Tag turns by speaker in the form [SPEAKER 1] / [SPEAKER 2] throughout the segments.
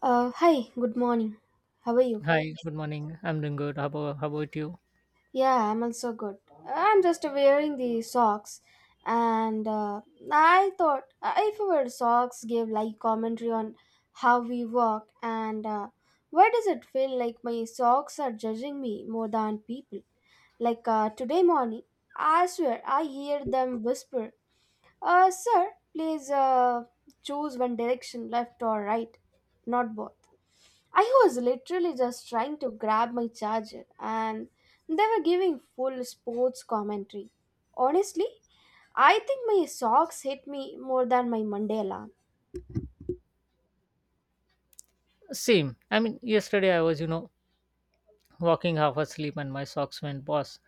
[SPEAKER 1] Hi, good morning. How are you?
[SPEAKER 2] Hi, good morning. I'm doing good. How about you?
[SPEAKER 1] Yeah, I'm also good. I'm just wearing the socks, and I thought if our socks gave like commentary on how we walk, and why does it feel like my socks are judging me more than people? Like today morning, I swear I hear them whisper, "Sir, please choose one direction, left or right, not both." I was literally just trying to grab my charger, and they were giving full sports commentary. Honestly, I think my socks hit me more than my Mandela.
[SPEAKER 2] Same. I mean, yesterday I was, you know, walking half asleep and my socks went, boss,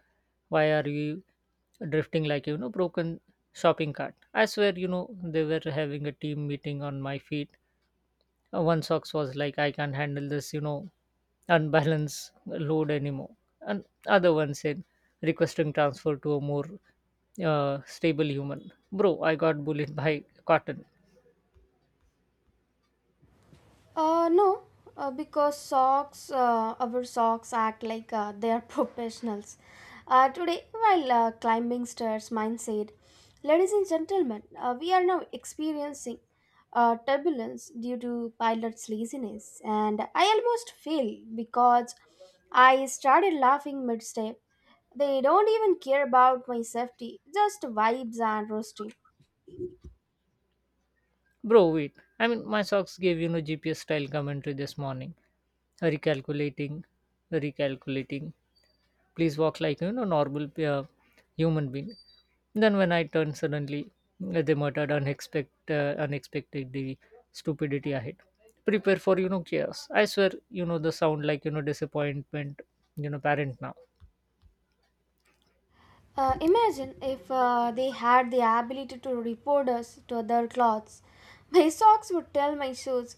[SPEAKER 2] why are you drifting like, you know, broken shopping cart? I swear, you know, they were having a team meeting on my feet. One socks was like, I can't handle this, you know, unbalanced load anymore. And other one said, requesting transfer to a more stable human. Bro, I got bullied by cotton.
[SPEAKER 1] No, because socks, our socks act like they are professionals. Today, while climbing stairs, mine said, "Ladies and gentlemen, we are now experiencing turbulence due to pilot's laziness," and I almost fell because I started laughing mid step. They don't even care about my safety, just vibes and roasting.
[SPEAKER 2] Bro, wait. I mean, my socks gave, you know, GPS style commentary this morning. Recalculating, recalculating. Please walk like, you know, normal human being. Then when I turned suddenly, they muttered unexpected, unexpected the stupidity ahead. Prepare for, you know, chaos. I swear, you know, the sound like, you know, disappointment, you know, parent now.
[SPEAKER 1] Imagine if they had the ability to report us to other clothes. My socks would tell my shoes,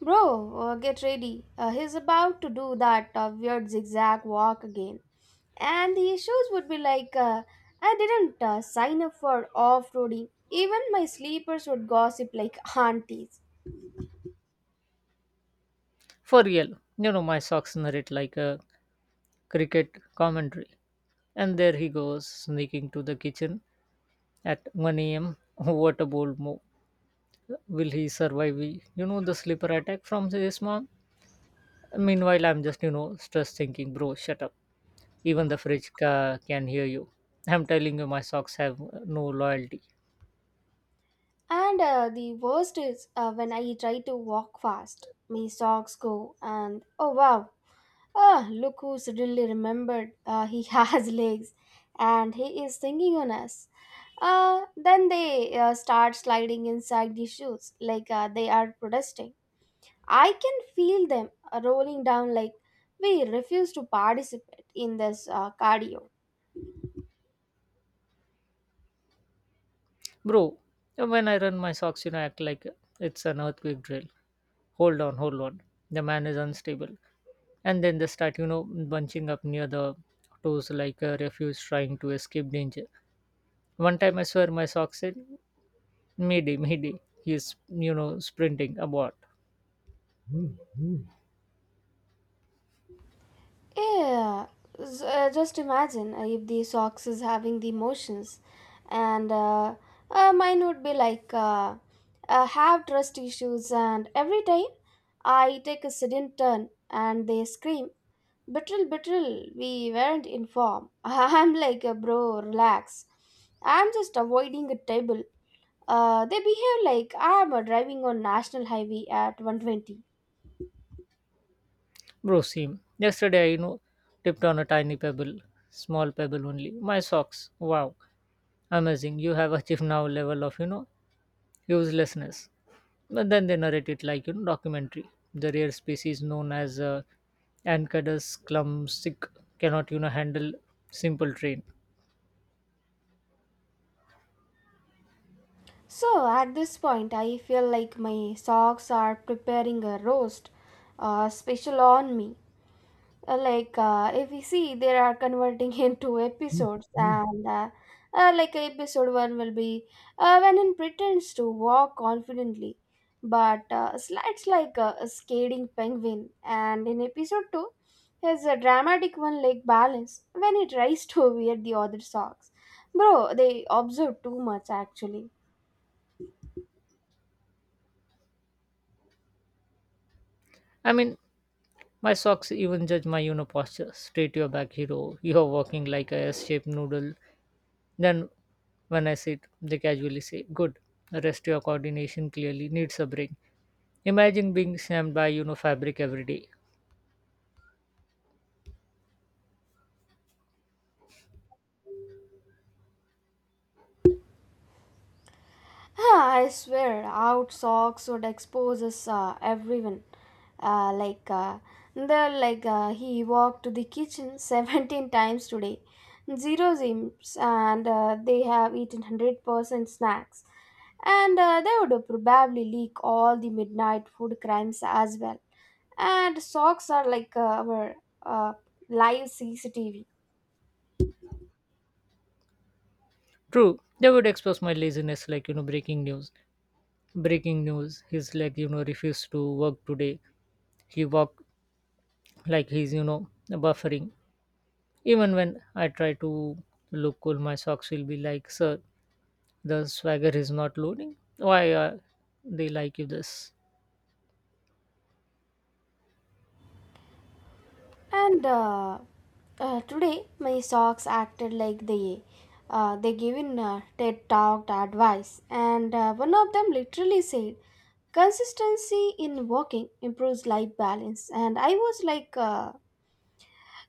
[SPEAKER 1] "Bro, get ready. He's about to do that weird zigzag walk again." And the shoes would be like, "I didn't sign up for off roading." Even my sleepers would gossip like aunties.
[SPEAKER 2] For real, you know, my socks narrate like a cricket commentary. And there he goes, sneaking to the kitchen at 1 a.m. What a bold move. Will he survive? We, you know, the slipper attack from his mom? Meanwhile, I'm just, you know, stress thinking, bro, shut up. Even the fridge can hear you. I'm telling you, my socks have no loyalty.
[SPEAKER 1] And the worst is when I try to walk fast. My socks go, "And oh wow, ah, look who suddenly remembered he has legs and he is thinking on us." Then they start sliding inside the shoes like they are protesting. I can feel them rolling down like, "We refuse to participate in this cardio."
[SPEAKER 2] Bro, when I run my socks, you know, act like it's an earthquake drill. Hold on, hold on. The man is unstable. And then they start, you know, bunching up near the toes like a refuse trying to escape danger. One time I swear my sock said, mayday, mayday, he's, you know, sprinting about.
[SPEAKER 1] Yeah, just imagine if the socks is having the emotions, and mine would be like have trust issues, and every time I take a sudden turn and they scream, "Betrayal, betrayal! We weren't informed." I'm like, bro, relax. I'm just avoiding a table. They behave like I'm driving on national highway at 120.
[SPEAKER 2] Bro, see, yesterday I, you know, tipped on a tiny pebble, small pebble only. My socks, wow, amazing, you have achieved now level of, you know, uselessness. But then they narrate it like, you know, documentary. The rare species known as Ancadus clumsic cannot, you know, handle simple train.
[SPEAKER 1] So at this point, I feel like my socks are preparing a roast special on me. Like if you see, they are converting into episodes, and like episode one will be when he pretends to walk confidently, but slides like a skating penguin, and in episode two, has a dramatic one-leg balance when he tries to wear the other socks. Bro, they observe too much actually.
[SPEAKER 2] i mean My socks even judge my, you know, posture. Straight your back, hero. You're walking like a S-shaped noodle. Then when I sit, they casually say, "Good. Rest your coordination clearly needs a break." Imagine being slammed by, you know, fabric every day.
[SPEAKER 1] Ah, I swear, out socks would exposes everyone. Like the like he walked to the kitchen 17 times today. Zero zims and they have eaten 100% snacks. And they would probably leak all the midnight food crimes as well. And socks are like our uh, live CCTV.
[SPEAKER 2] True, they would expose my laziness like, you know, breaking news. Breaking news. His leg, you know, refused to work today. He walked like he's, you know, buffering. Even when I try to look cool, my socks will be like, "Sir, the swagger is not loading. Why are they like you this?"
[SPEAKER 1] And today, my socks acted like they given TED talk advice, and one of them literally said, "Consistency in walking improves life balance." And I was like,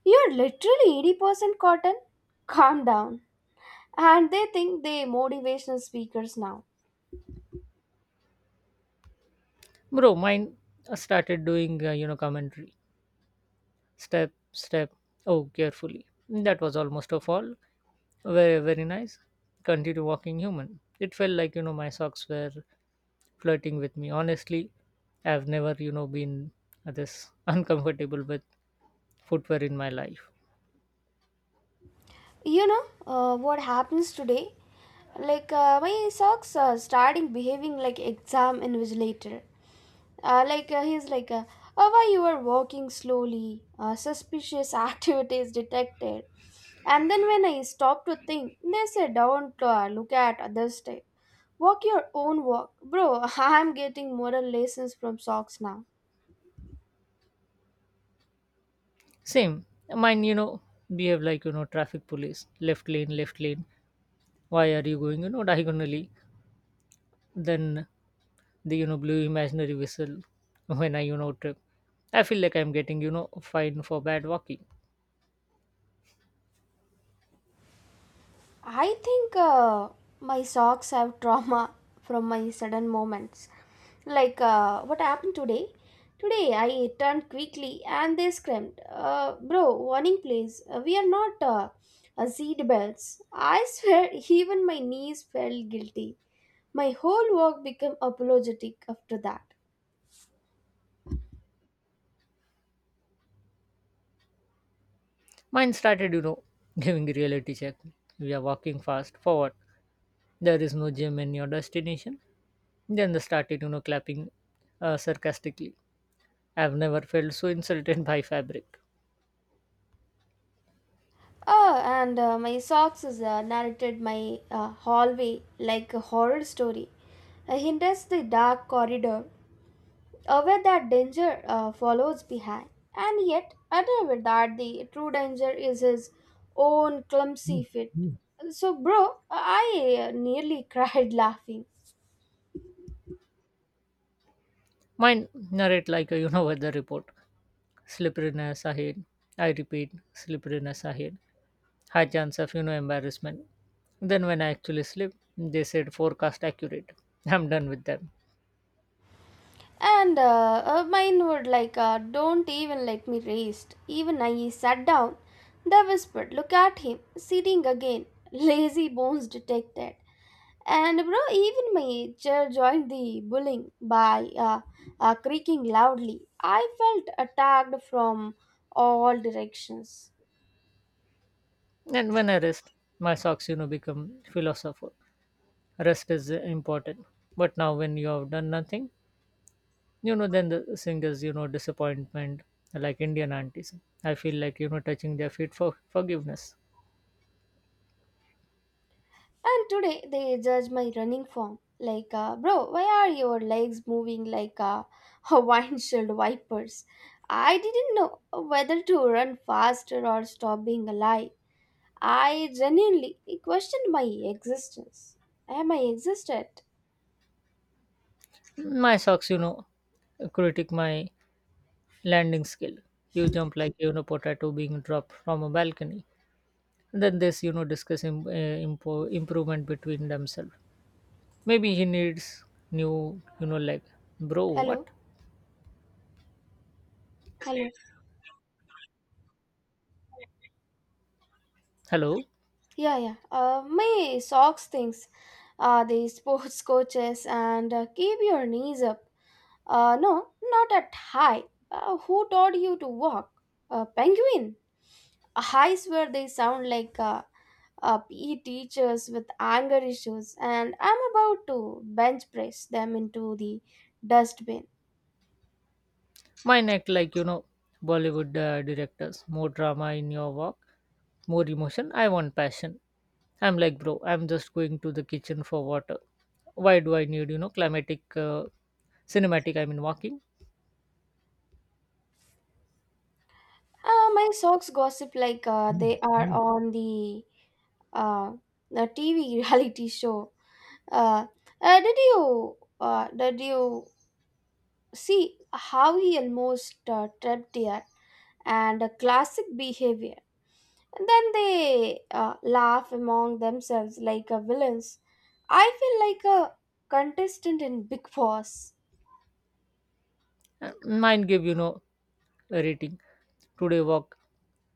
[SPEAKER 1] "You're literally 80% cotton. Calm down." And they think they motivational speakers now.
[SPEAKER 2] Bro, mine started doing, you know, commentary. Step, step. Oh, carefully. That was almost a fall. Very, very nice. Continue walking human. It felt like, you know, my socks were flirting with me. Honestly, I've never, you know, been this uncomfortable with footwear in my life.
[SPEAKER 1] You know what happens today, like my socks are starting behaving like exam invigilator. Like he's like Oh, why you are walking slowly? Suspicious activities detected. And then when I stop to think they say, "Don't look at others' step, walk your own walk." Bro, I'm getting moral lessons from socks now.
[SPEAKER 2] Same. Mine, you know, behave like, you know, traffic police. Left lane, left lane. Why are you going, you know, diagonally? Than the, you know, blue imaginary whistle when I, you know, trip. I feel like I'm getting, you know, fined for bad walking.
[SPEAKER 1] I think my socks have trauma from my sudden moments. Like what happened today? Today I turned quickly and they screamed, "Bro, warning please! We are not seat belts." I swear, even my knees felt guilty. My whole work became apologetic after that.
[SPEAKER 2] Mine started, you know, giving a reality check. We are walking fast forward. There is no gym in your destination. Then they started, you know, clapping sarcastically. I've never felt so insulted by fabric.
[SPEAKER 1] Oh, and my socks is narrated my hallway like a horror story. "He enters the dark corridor aware that danger follows behind, and yet unaware that the true danger is his own clumsy fit." So, bro, I nearly cried laughing.
[SPEAKER 2] Mine narrate like a, you know, weather report. Slipperiness ahead. I repeat, slipperiness ahead. High chance of, you know, embarrassment. Then when I actually sleep, they said forecast accurate. I'm done with them.
[SPEAKER 1] And mine would like, don't even let me rest. Even I sat down. They whispered, "Look at him, sitting again." Lazy bones detected. And bro, even my chair joined the bullying by creaking loudly. I felt attacked from all directions.
[SPEAKER 2] And when I rest, my socks, you know, become philosopher. Rest is important, but now when you have done nothing, you know, then the thing is, you know, disappointment like Indian aunties. I feel like, you know, touching their feet for forgiveness.
[SPEAKER 1] And today they judge my running form. Like, bro, why are your legs moving like Hawaiian shield wipers? I didn't know whether to run faster or stop being alive. I genuinely questioned my existence. Am I existed?
[SPEAKER 2] My socks, you know, critic my landing skill. You jump like, you know, potato being dropped from a balcony. Then this, you know, discuss improvement between themselves. Maybe he needs new, you know, like, bro, what?
[SPEAKER 1] Hello? Hello.
[SPEAKER 2] Hello.
[SPEAKER 1] Yeah, yeah. My socks things. The sports coaches and keep your knees up. No, not at high. Who taught you to walk? A penguin. I swear they sound like PE teachers with anger issues, and I'm about to bench press them into the dustbin.
[SPEAKER 2] Mine act like, you know, Bollywood directors. More drama in your walk, more emotion, I want passion. I'm like, bro, I'm just going to the kitchen for water. Why do I need, you know, climatic cinematic, walking?
[SPEAKER 1] My socks gossip like they are on the uh, the TV reality show. Uh, did you see how he almost tripped here, and a classic behavior. And then they laugh among themselves like a villains. I feel like a contestant in Big Boss.
[SPEAKER 2] Mine give, you know, a rating. Today walk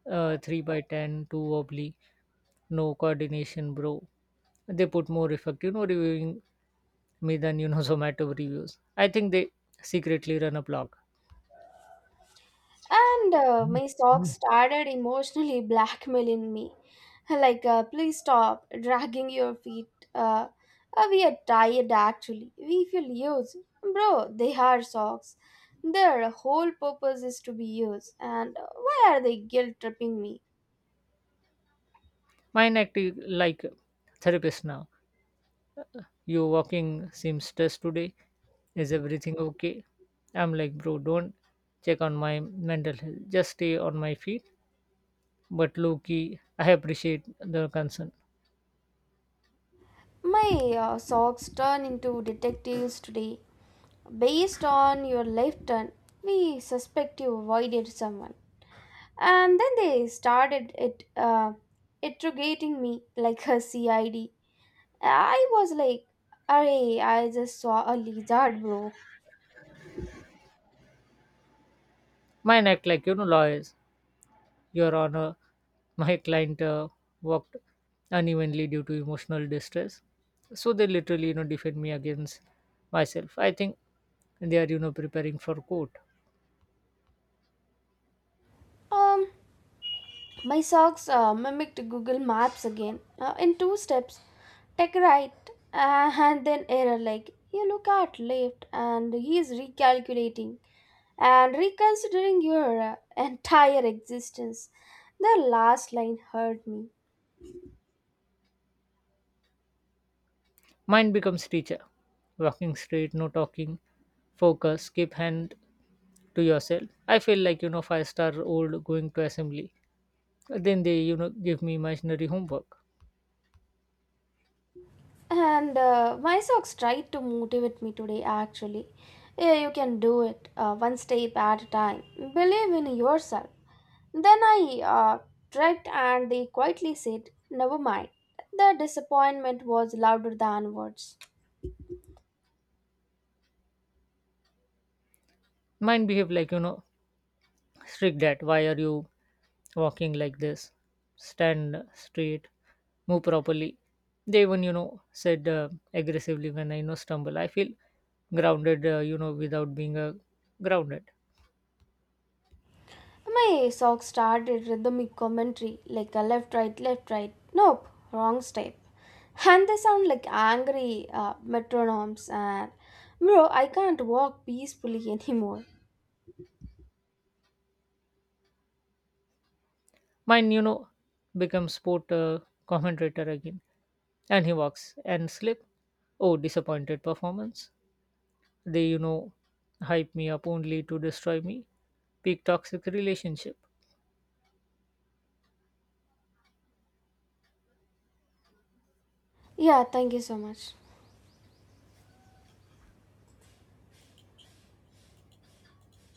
[SPEAKER 2] three by ten, two wobbly, no coordination, bro. They put more effect, you know, reviewing me than, you know, Zomato reviews. I think they secretly run a blog.
[SPEAKER 1] And my stalk started emotionally blackmailing me. Like, please stop dragging your feet. Uh, we are tired actually. We feel used. Bro, they are socks. Their whole purpose is to be used. And why are they guilt tripping me?
[SPEAKER 2] Mine acting like therapist now. You walking seems stressed today. Is everything okay? I'm like, bro, don't check on my mental health. Just stay on my feet. But low key, I appreciate the concern.
[SPEAKER 1] My socks turn into detectives today. "Based on your left turn, we suspect you avoided someone." And then they started it interrogating me like a cid I D. I was like, "Arey, I just saw a lizard, bro."
[SPEAKER 2] Mine act like, you know, lawyers. Your Honor, my client walked unevenly due to emotional distress, so they literally, you know, defend me against myself. I think they are, you know, preparing for court.
[SPEAKER 1] Um, my socks mimicked Google Maps again in two steps. "Take right and then error." Like you look at left, and he is recalculating and reconsidering your entire existence. The last line hurt me.
[SPEAKER 2] Mine becomes teacher, walking straight, no talking, focus, keep hand to yourself. I feel like, you know, five-star-old going to assembly. Then they, you know, give me imaginary homework.
[SPEAKER 1] And my socks tried to motivate me today, actually. "Yeah, you can do it, one step at a time. Believe in yourself." Then I tried, and they quietly said, "Never mind." The disappointment was louder than words.
[SPEAKER 2] Mine behave like, you know, strict, that why are you walking like this, stand straight, move properly. They even, you know, said aggressively. When I, you know, stumble, I feel grounded you know, without being grounded.
[SPEAKER 1] My socks started rhythmic commentary, like a left, right, left, right. Nope, wrong step. And they sound like angry metronomes, and bro, I can't walk peacefully anymore.
[SPEAKER 2] Mine, you know, becomes sport commentator again. And he walks and slip, oh, disappointed performance. They, you know, hype me up only to destroy me. Peak toxic relationship.
[SPEAKER 1] Yeah, thank you so much.